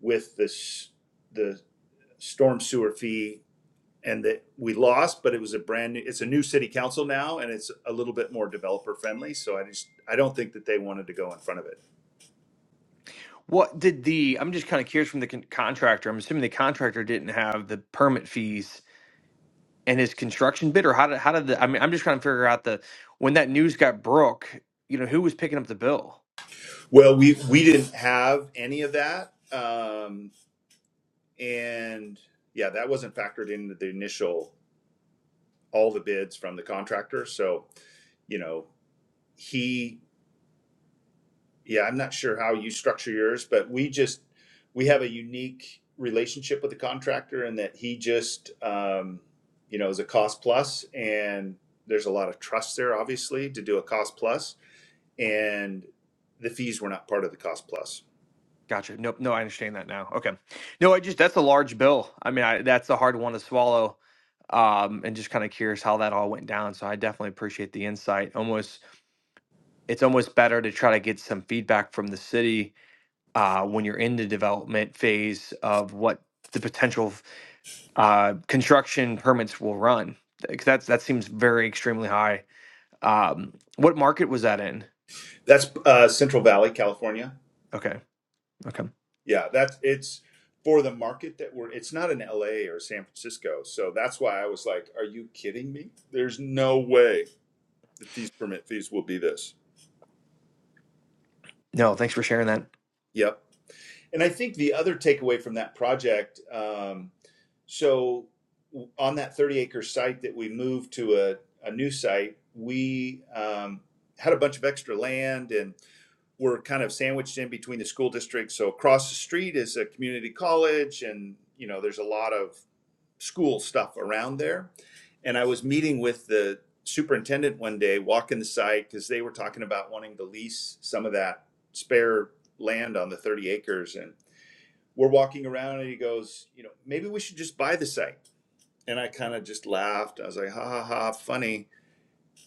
with this the storm sewer fee and that we lost, but it was a brand new, it's a new city council now and it's a little bit more developer friendly. So I just, I don't think that they wanted to go in front of it.
What did the? I'm just kind of curious from the con- contractor. I'm assuming the contractor didn't have the permit fees and his construction bid, or how did how did the? I mean, I'm just trying to figure out the when that news got broke. You know, who was picking up the bill?
Well, we, we didn't have any of that. Um, and yeah, that wasn't factored into the initial, all the bids from the contractor. So, you know, he yeah i'm not sure how you structure yours but we just we have a unique relationship with the contractor in that he just um, you know is a cost plus and there's a lot of trust there obviously to do a cost plus and the fees were not part of the cost plus
Gotcha. Nope. No, I understand that now. Okay. No, I just that's a large bill. I mean, I, that's a hard one to swallow. Um, and just kind of curious how that all went down. So I definitely appreciate the insight. Almost, it's almost better to try to get some feedback from the city uh, when you're in the development phase of what the potential uh, construction permits will run. 'Cause that's that seems very extremely high. Um, what market was that in?
that's uh, central valley california
Okay. Okay.
yeah that's it's for the market that we're it's not in la or san francisco so that's why i was like are you kidding me there's no way that these permit fees will be this
No, thanks for sharing that.
yep And I think the other takeaway from that project, um, so on that 30 acre site that we moved to a, a new site, we um, had a bunch of extra land and were kind of sandwiched in between the school districts. So across the street is a community college, and you know there's a lot of school stuff around there. And I was meeting with the superintendent one day, walking the site because they were talking about wanting to lease some of that spare land on the 30 acres and we're walking around and he goes, you know, maybe we should just buy the site. And I kind of just laughed. I was like, ha ha ha, funny.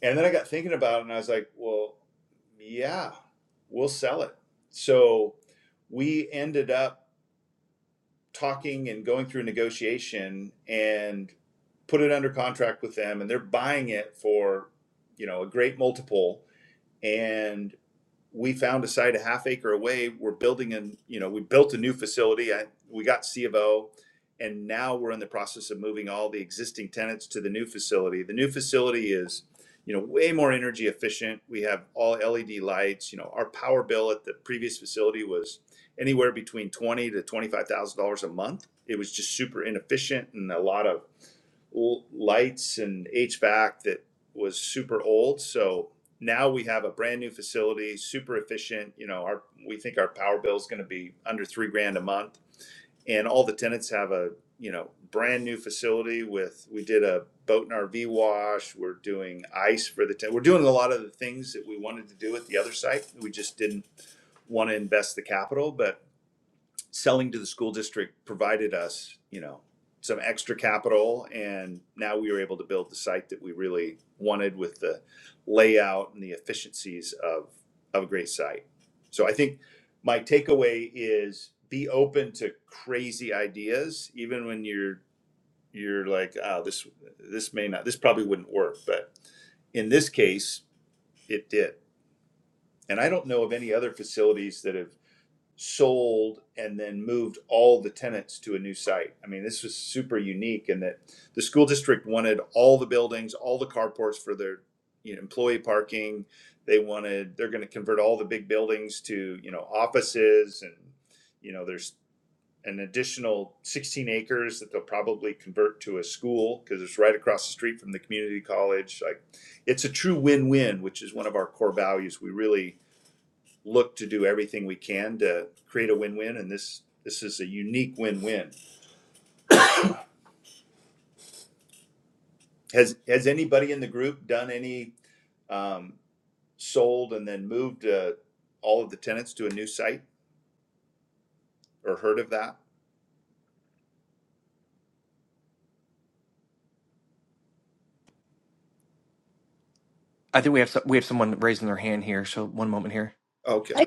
And then I got thinking about it and I was like, well, yeah, we'll sell it. So we ended up talking and going through negotiation and put it under contract with them and they're buying it for, you know, a great multiple. And we found a site a half acre away. We're building an, you know, we built a new facility. I, we got C of O, and now we're in the process of moving all the existing tenants to the new facility. The new facility is, you know, way more energy efficient. We have all LED lights. You know, our power bill at the previous facility was anywhere between twenty to twenty five thousand dollars a month. It was just super inefficient and a lot of lights and HVAC that was super old. So now we have a brand new facility, super efficient. You know, our we think our power bill is going to be under three grand a month, and all the tenants have a you know brand new facility with. We did a boat and RV wash. We're doing ice for the ten. We're doing a lot of the things that we wanted to do at the other site. We just didn't want to invest the capital, but selling to the school district provided us, you know, some extra capital and now we were able to build the site that we really wanted with the layout and the efficiencies of of a great site. So I think my takeaway is be open to crazy ideas even when you're you're like oh this this may not this probably wouldn't work but in this case it did. And I don't know of any other facilities that have sold and then moved all the tenants to a new site. I mean, this was super unique in that the school district wanted all the buildings, all the carports for their you know, employee parking. They wanted they're going to convert all the big buildings to you know offices and you know there's an additional 16 acres that they'll probably convert to a school because it's right across the street from the community college. Like, it's a true win-win, which is one of our core values. We really look to do everything we can to create a win-win, and this this is a unique win-win. Has has anybody in the group done any um, sold and then moved uh, all of the tenants to a new site or heard of that?
I
No.
think we have some, we have someone raising their hand here. So one moment here.
Okay.
I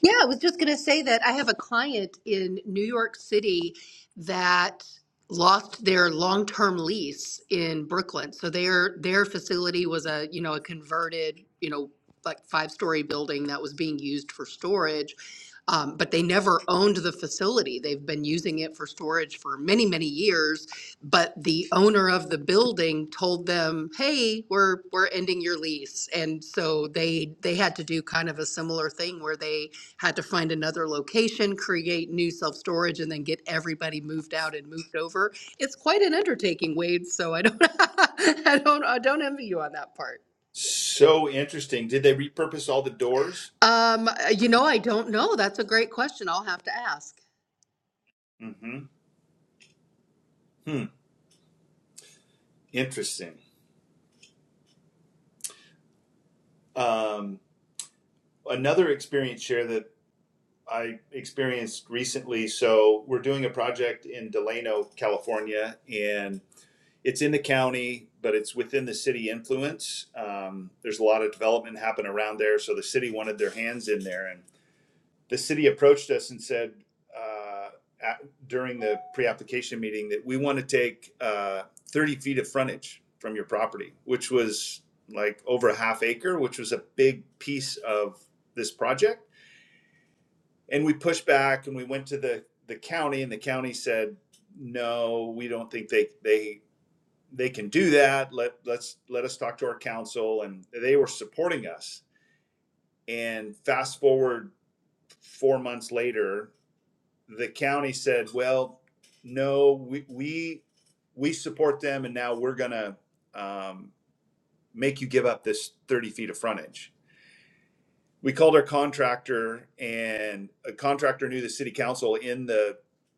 yeah, I was just going to say that I have a client in New York City that lost their long-term lease in Brooklyn. So their their facility was a, you know, a converted, you know, like five-story building that was being used for storage. Um, but they never owned the facility. They've been using it for storage for many, many years. But the owner of the building told them, "Hey, we're we're ending your lease," and so they they had to do kind of a similar thing where they had to find another location, create new self-storage, and then get everybody moved out and moved over. It's quite an undertaking, Wade, so I don't, I don't, I don't envy you on that part.
So interesting. Did they repurpose all the doors?
Um, uh, you know, I don't know. That's a great question. I'll have to ask.
Mm-hmm. Hmm. Interesting. Um, another experience share that I experienced recently. So we're doing a project in Delano, California, and it's in the county, but it's within the city influence. Um, there's a lot of development happening around there, so the city wanted their hands in there, and the city approached us and said uh, at, during the pre-application meeting that we want to take uh, 30 feet of frontage from your property, which was like over a half acre, which was a big piece of this project. And we pushed back, and we went to the the county, and the county said, no, we don't think they they they can do that. Let let's let us talk to our council, and they were supporting us. And fast forward four months later, the county said, "Well, no, we we we support them, and now we're gonna um, make you give up this thirty feet of frontage." we called our contractor and a contractor knew the city council in the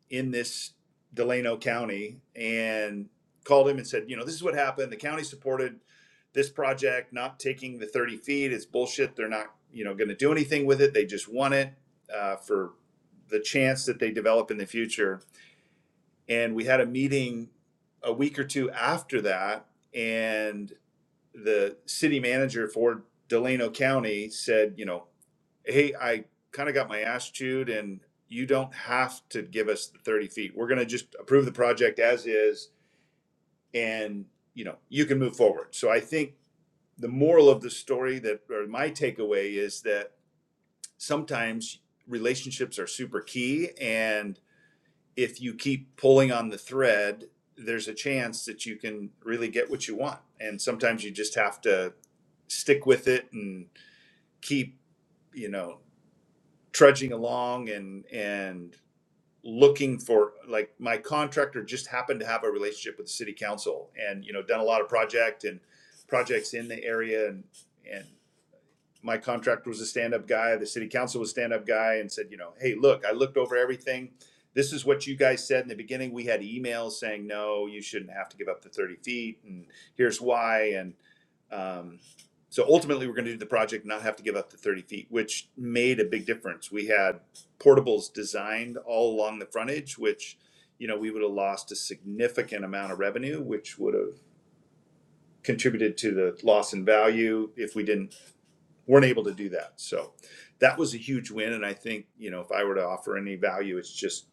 in this Delano County and called him and said, you know, this is what happened. The county supported this project, not taking the 30 feet. It's bullshit. They're not, you know, going to do anything with it. They just want it uh, for the chance that they develop in the future. And we had a meeting a week or two after that, and the city manager for Delano County said, you know, hey, I kind of got my ass chewed, and you don't have to give us the 30 feet. We're going to just approve the project as is, and you know, you can move forward. So I think the moral of the story that, or my takeaway is that sometimes relationships are super key. And if you keep pulling on the thread, there's a chance that you can really get what you want. And sometimes you just have to stick with it and keep you know trudging along and and looking for like my contractor just happened to have a relationship with the city council and you know done a lot of project and projects in the area and and my contractor was a stand-up guy, the city council was a stand-up guy, and said, you know, hey, look, I looked over everything. This is what you guys said in the beginning. We had emails saying, no, you shouldn't have to give up the thirty feet, and here's why, and um, so ultimately, we're going to do the project, and not have to give up the thirty feet, which made a big difference. We had portables designed all along the frontage, which you know we would have lost a significant amount of revenue, which would have contributed to the loss in value if we didn't weren't able to do that. So that was a huge win. And I think, you know, if I were to offer any value, it's just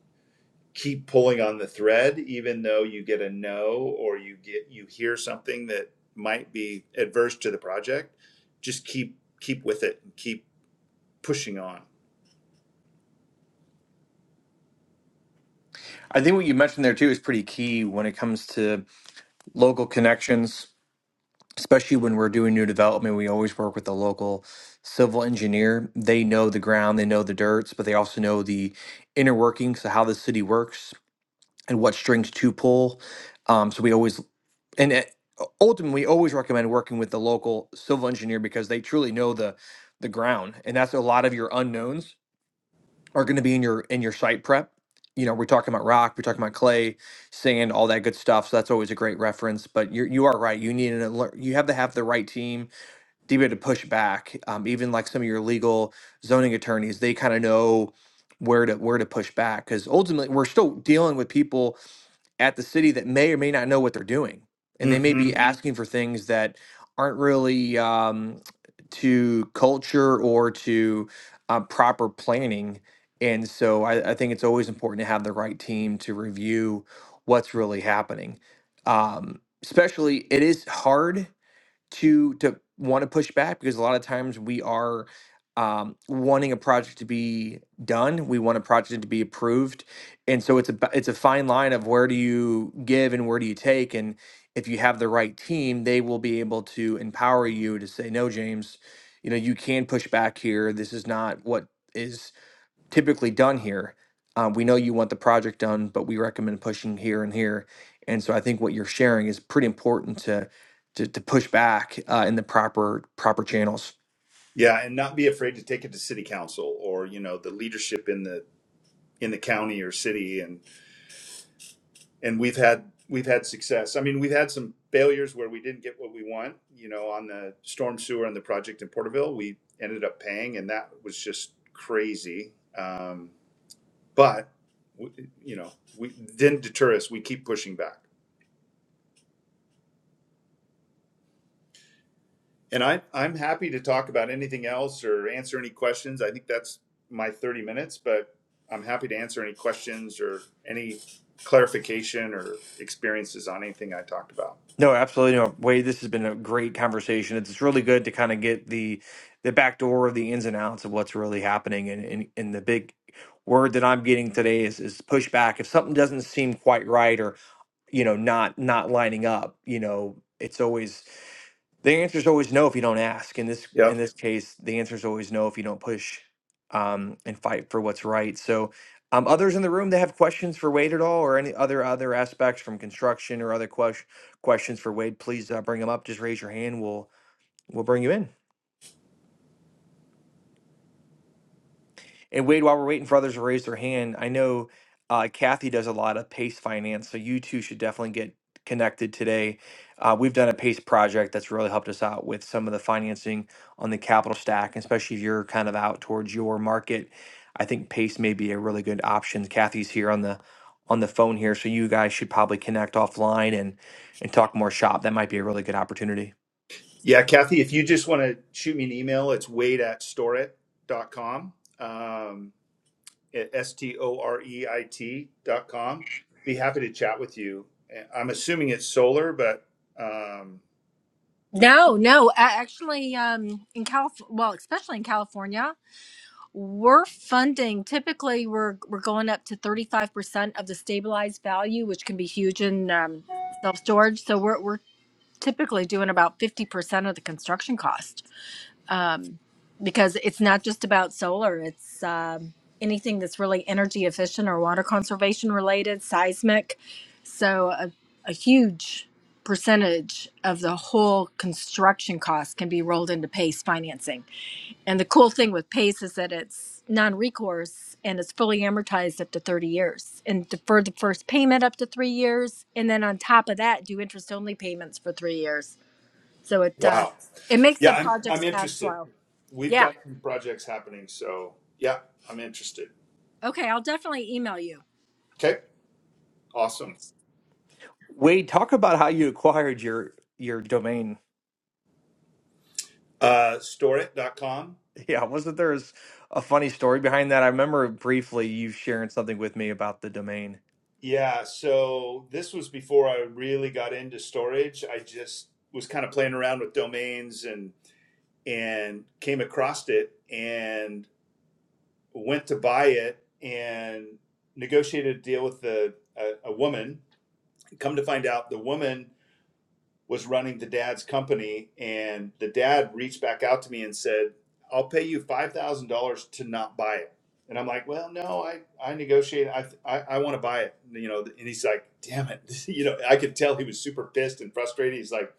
keep pulling on the thread, even though you get a no or you get you hear something that might be adverse to the project, just keep keep with it and keep pushing on.
I think what you mentioned there too is pretty key when it comes to local connections, especially when we're doing new development. We always work with the local civil engineer. They know the ground, they know the dirts, but they also know the inner workings of how the city works and what strings to pull. Um, so we always and uh, ultimately we always recommend working with the local civil engineer because they truly know the the ground, and that's a lot of your unknowns are going to be in your in your site prep. You know, we're talking about rock, we're talking about clay, sand, all that good stuff. So that's always a great reference. But you you are right. You need an alert. You have to have the right team to be able to push back. Um, even like some of your legal zoning attorneys, they kind of know where to where to push back because ultimately we're still dealing with people at the city that may or may not know what they're doing, and they may be Mhm.
hmm
asking for things that aren't really um, to culture or to uh, proper planning. And so I, I think it's always important to have the right team to review what's really happening. Um, especially, it is hard to to want to push back because a lot of times we are um, wanting a project to be done, we want a project to be approved, and so it's a ba- it's a fine line of where do you give and where do you take, and if you have the right team, they will be able to empower you to say no, James, you know you can push back here. This is not what is typically done here. Uh, we know you want the project done, but we recommend pushing here and here. And so I think what you're sharing is pretty important to to, to push back uh, in the proper proper channels.
Yeah, and not be afraid to take it to city council or, you know, the leadership in the in the county or city and. and we've had we've had success. I mean, we've had some failures where we didn't get what we want. You know, on the storm sewer and the project in Porterville, we ended up paying, and that was just crazy. Um, but we, you know, we didn't deter us. We keep pushing back, and I I'm happy to talk about anything else or answer any questions. I think that's my 30 minutes, but I'm happy to answer any questions or any clarification or experiences on anything I talked about.
No, absolutely. No, Wade, this has been a great conversation. It's really good to kind of get the the back door of the ins and outs of what's really happening. And and, and the big word that I'm getting today is is pushback. If something doesn't seem quite right or you know not not lining up you know it's always the answer is always no if you don't ask in this
Yep.
in this case the answer is always no if you don't push um and fight for what's right so um others in the room that have questions for wade at all or any other other aspects from construction or other ques- questions for wade please uh, bring them up just raise your hand we'll we'll bring you in And Wade, while we're waiting for others to raise their hand, I know uh, Kathy does a lot of PACE finance, so you two should definitely get connected today. Uh, we've done a PACE project that's really helped us out with some of the financing on the capital stack, especially if you're kind of out towards your market. I think PACE may be a really good option. Kathy's here on the on the phone here, so you guys should probably connect offline and and talk more shop. That might be a really good opportunity.
Yeah, Kathy, if you just want to shoot me an email, it's wade at storit.com, um, at S-T-O-R-E-I-T dot com. Be happy to chat with you. I'm assuming it's solar, but um,
No, no. a- Actually, um, in Calif, well, especially in California, we're funding. Typically, we're we're going up to thirty five percent of the stabilized value, which can be huge in um, self storage. So we're we're typically doing about fifty percent of the construction cost. um, because it's not just about solar. It's um, anything that's really energy efficient or water conservation related, seismic. So a, a huge percentage of the whole construction cost can be rolled into PACE financing. And the cool thing with PACE is that it's non-recourse and it's fully amortized up to 30 years and defer the first payment up to three years. And then on top of that, do interest only payments for three years. So it, uh,
wow.
it makes
Yeah,
the
I'm, I'm
project's cash
interested.
flow.
We've
Yeah.
got some projects happening, so yeah, I'm interested.
Okay. I'll definitely email you.
Okay, awesome.
Wade, talk about how you acquired your your domain.
Uh, storeit dot com.
Yeah, wasn't there s- a funny story behind that? I remember briefly you sharing something with me about the domain.
Yeah, so this was before I really got into storage. I just was kind of playing around with domains and and came across it and went to buy it and negotiated a deal with the a, a woman. Come to find out, the woman was running the dad's company, and the dad reached back out to me and said, "I'll pay you five thousand dollars to not buy it." And I'm like, "Well, no, I I negotiated. I I, I want to buy it, you know." And he's like, "Damn it!" you know, I could tell he was super pissed and frustrated. He's like,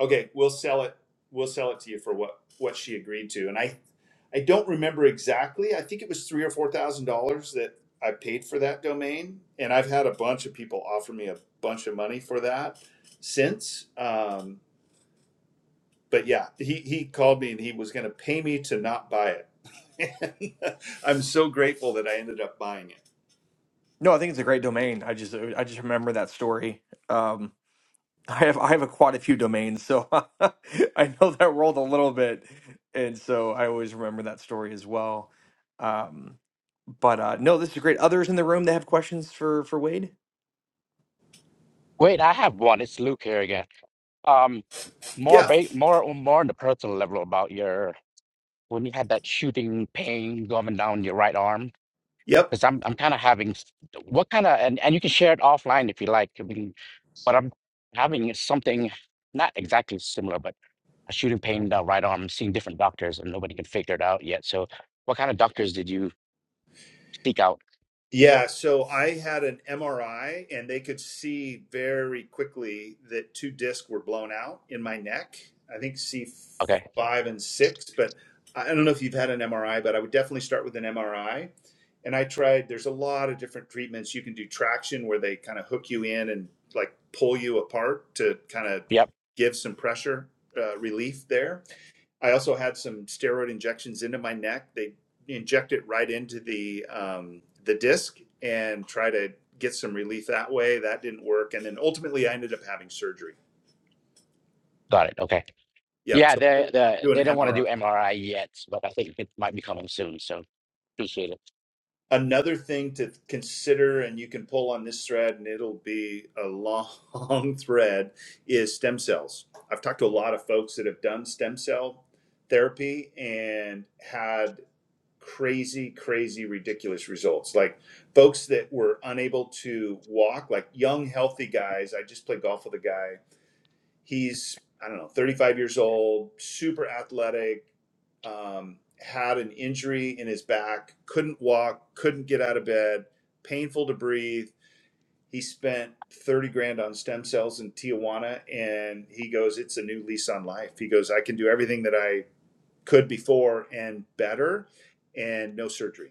"Okay, we'll sell it. We'll sell it to you for what what she agreed to." And I I don't remember exactly. I think it was three or four thousand dollars that I paid for that domain, and I've had a bunch of people offer me a bunch of money for that since. Um, but yeah, he, he called me and he was going to pay me to not buy it. And I'm so grateful that I ended up buying it.
No, I think it's a great domain. I just I just remember that story. Um, I have I have a, quite a few domains, so I know that world a little bit, and so I always remember that story as well. Um, but uh, no, this is great. Others in the room that have questions for for Wade?
Wait, I have one. It's Luke here again. Um, more
Yeah.
ba more more on the personal level about your when you had that shooting pain going down your right arm.
Yep.
Because I'm I'm kind of having s- what kind of and, and you can share it offline if you like. I mean, but I'm having something not exactly similar, but a shooting pain in the right arm. I'm seeing different doctors and nobody can figure it out yet. So, what kind of doctors did you seek out?
Yeah, so I had an MRI and they could see very quickly that two discs were blown out in my neck. I think C5
Okay.
and 6, but I I don't know if you've had an MRI, but I would definitely start with an MRI. And I tried, there's a lot of different treatments. You can do traction where they kind of hook you in and like pull you apart to kind of
Yep.
give some pressure uh, relief there I also had some steroid injections into my neck. They inject it right into the um, the disc and try to get some relief that way. That didn't work, and then ultimately I ended up having surgery.
Got it. Okay.
Yep.
Yeah,
So I
they
would
they
do
they
an
don't want to
MRI.
do MRI yet, but I think it might be coming soon. So appreciate it.
Another thing to consider, and you can pull on this thread, and it'll be a long thread, is stem cells. I've talked to a lot of folks that have done stem cell therapy and had crazy, crazy, ridiculous results. Like folks that were unable to walk, like young, healthy guys. I just played golf with a guy. He's, I don't know, 35 years old, super athletic, um, had an injury in his back, couldn't walk, couldn't get out of bed, painful to breathe. He spent 30 grand on stem cells in Tijuana and he goes, It's a new lease on life. He goes, I can do everything that I could before and better and no surgery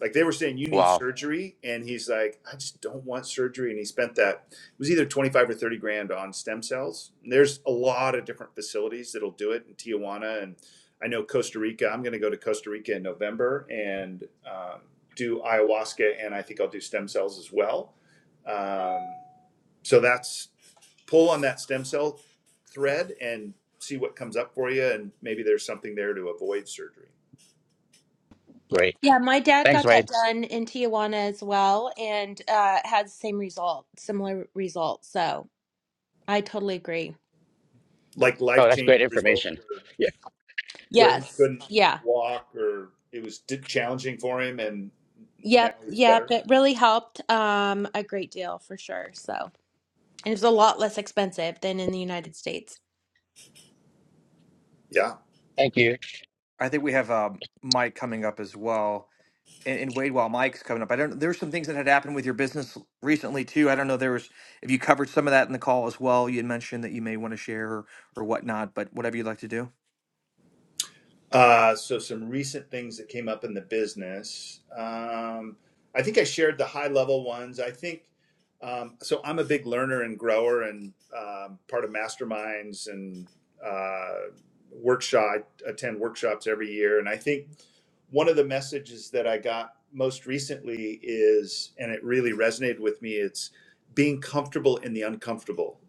like they were saying you need
Wow,
surgery and he's like i just don't want surgery and he spent that it was either 25 or 30 grand on stem cells and there's a lot of different facilities that'll do it in tijuana and i know costa rica i'm going to go to costa rica in november and um, do ayahuasca and i think i'll do stem cells as well um, so that's pull on that stem cell thread and see what comes up for you and maybe there's something there to avoid surgery
great.
Yeah, my dad
Thanks,
got that
Wade.
done in Tijuana as well and uh, had the same result, similar result. So I totally agree.
like
Oh, that's great
life-changing results
information.
where
Yeah,
where he
Yes.
couldn't
Yeah.
walk or it was challenging for him, and now
Yep.
he's
Yep.
better.
It really helped um, a great deal for sure. So. and it's a lot less expensive than in the United States.
Yeah,
thank you.
I think we have uh, Mike coming up as well. and, and Wade while Mike's coming up. I don't. There's some things that had happened with your business recently too. I don't know. There was if you covered some of that in the call as well. You had mentioned that you may want to share or, or whatnot, but whatever you'd like to do.
Uh, so some recent things that came up in the business. Um, I think I shared the high level ones. I think um, so. I'm a big learner and grower, and um, part of masterminds and uh, workshop. I attend workshops every year, and I think one of the messages that I got most recently is, and it really resonated with me. It's being comfortable in the uncomfortable,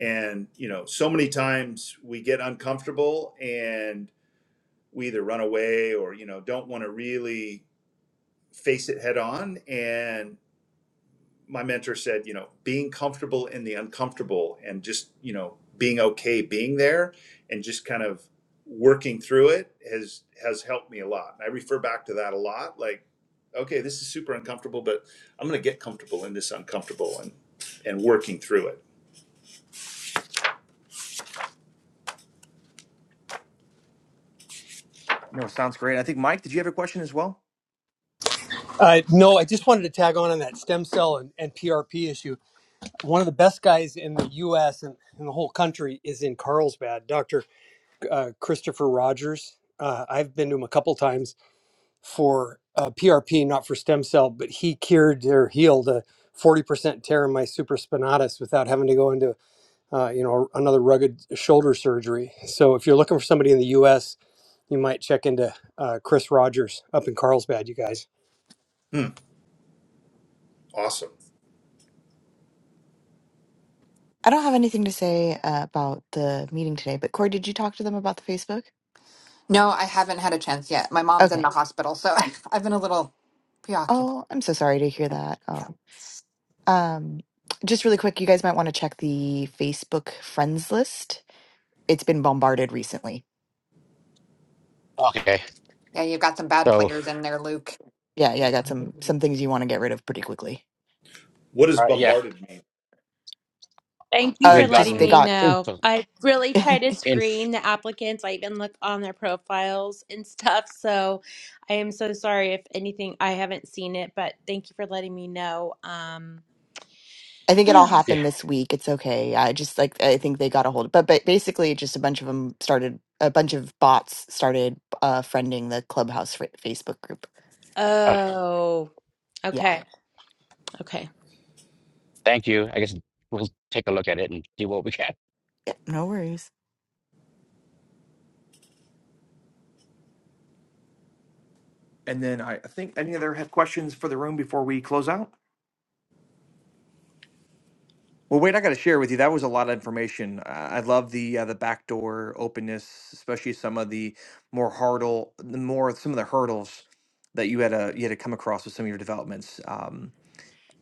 and you know, so many times we get uncomfortable and we either run away or you know don't want to really face it head on and my mentor said you know being comfortable in the uncomfortable and just you know being okay being there and just kind of working through it has has helped me a lot and i refer back to that a lot like okay this is super uncomfortable but i'm going to get comfortable in this uncomfortable and and working through it
No, sounds great. I think Mike, did you have a question as well?
Uh, no, I just wanted to tag on on that stem cell and, and PRP issue. One of the best guys in the U.S. and in the whole country is in Carlsbad, Dr. Uh, Christopher Rogers. Uh, I've been to him a couple times for uh, PRP, not for stem cell, but he cured or healed a 40% tear in my supraspinatus without having to go into, uh, you know, another rugged shoulder surgery. So if you're looking for somebody in the U.S., you might check into uh, Chris Rogers up in Carlsbad, you guys.
hmm, awesome
I don't have anything to say uh, about the meeting today, but Corey, did you talk to them about the Facebook?
No, I haven't had a chance yet. My mom's in
Okay.
the hospital, so I've been a little preoccupied.
Oh, I'm so sorry to hear that.
Yeah,
Um, um, just really quick, you guys might want to check the Facebook friends list it's been bombarded recently.
Okay,
yeah, you've got some bad
so
players in there, Luke.
Yeah, yeah, I got some some things you want to get rid of pretty quickly.
what does
all right, yeah,
bombarded mean
Thank you
Uh
for
we've
just
letting
they
gotten
me
got
know.
info.
I really try to
I
Inf.
screen the applicants. I even look on their profiles and stuff. So I am so sorry if anything, I haven't seen it, but thank you for letting me know. Um,
think it all
Yeah.
happened this week. It's okay. I just like I think they got a hold but but basically just a bunch of them started a bunch of bots started uh friending the Clubhouse fa- Facebook group.
Uh,
oh,
Yeah.
okay. Okay.
thank you. I guess we'll take a look at it and do what we can.
yeah. No worries.
And then I, I think any other have questions for the room before we close out. Well, Wade, I got to share with you. That was a lot of information. Uh, I love the uh, the backdoor openness, especially some of the more hurdle, the more some of the hurdles that you had uh you had to come across with some of your developments. Um,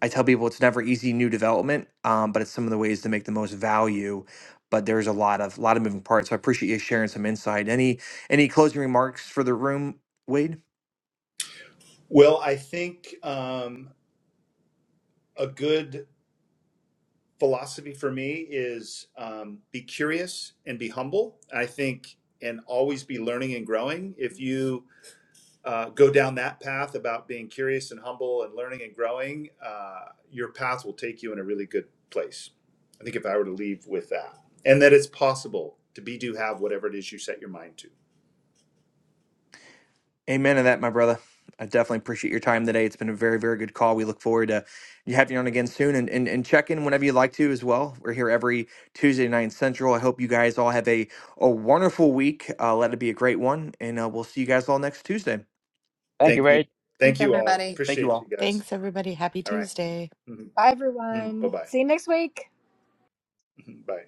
I tell people it's never easy new development, um, but it's some of the ways to make the most value. But there's a lot of lot of moving parts. So I appreciate you sharing some insight. Any any closing remarks for the room, Wade?
well i think um, a good philosophy for me is um, be curious and be humble. I think and always be learning and growing. If you uh, go down that path about being curious and humble and learning and growing, uh, your path will take you in a really good place. I think if I were to leave with that, and that it's possible to be, do, have whatever it is you set your mind to.
Amen to that, my brother. I definitely appreciate your time today. It's been a very, very good call. We look forward to you having you on again soon and, and, and check in whenever you'd like to as well. We're here every Tuesday night Central. I hope you guys all have a, a wonderful week. Uh, let it be a great one. And uh, we'll see you guys all next Tuesday.
Thank you,
Thank
Wade.
you.
Thanks,
Thank you all.
everybody.
Thank you
Appreciate you
all.
guys.
Thanks everybody. Happy
All right.
Tuesday.
Mhm.
I
Mhm. Bye-bye. Mhm. bye bye bye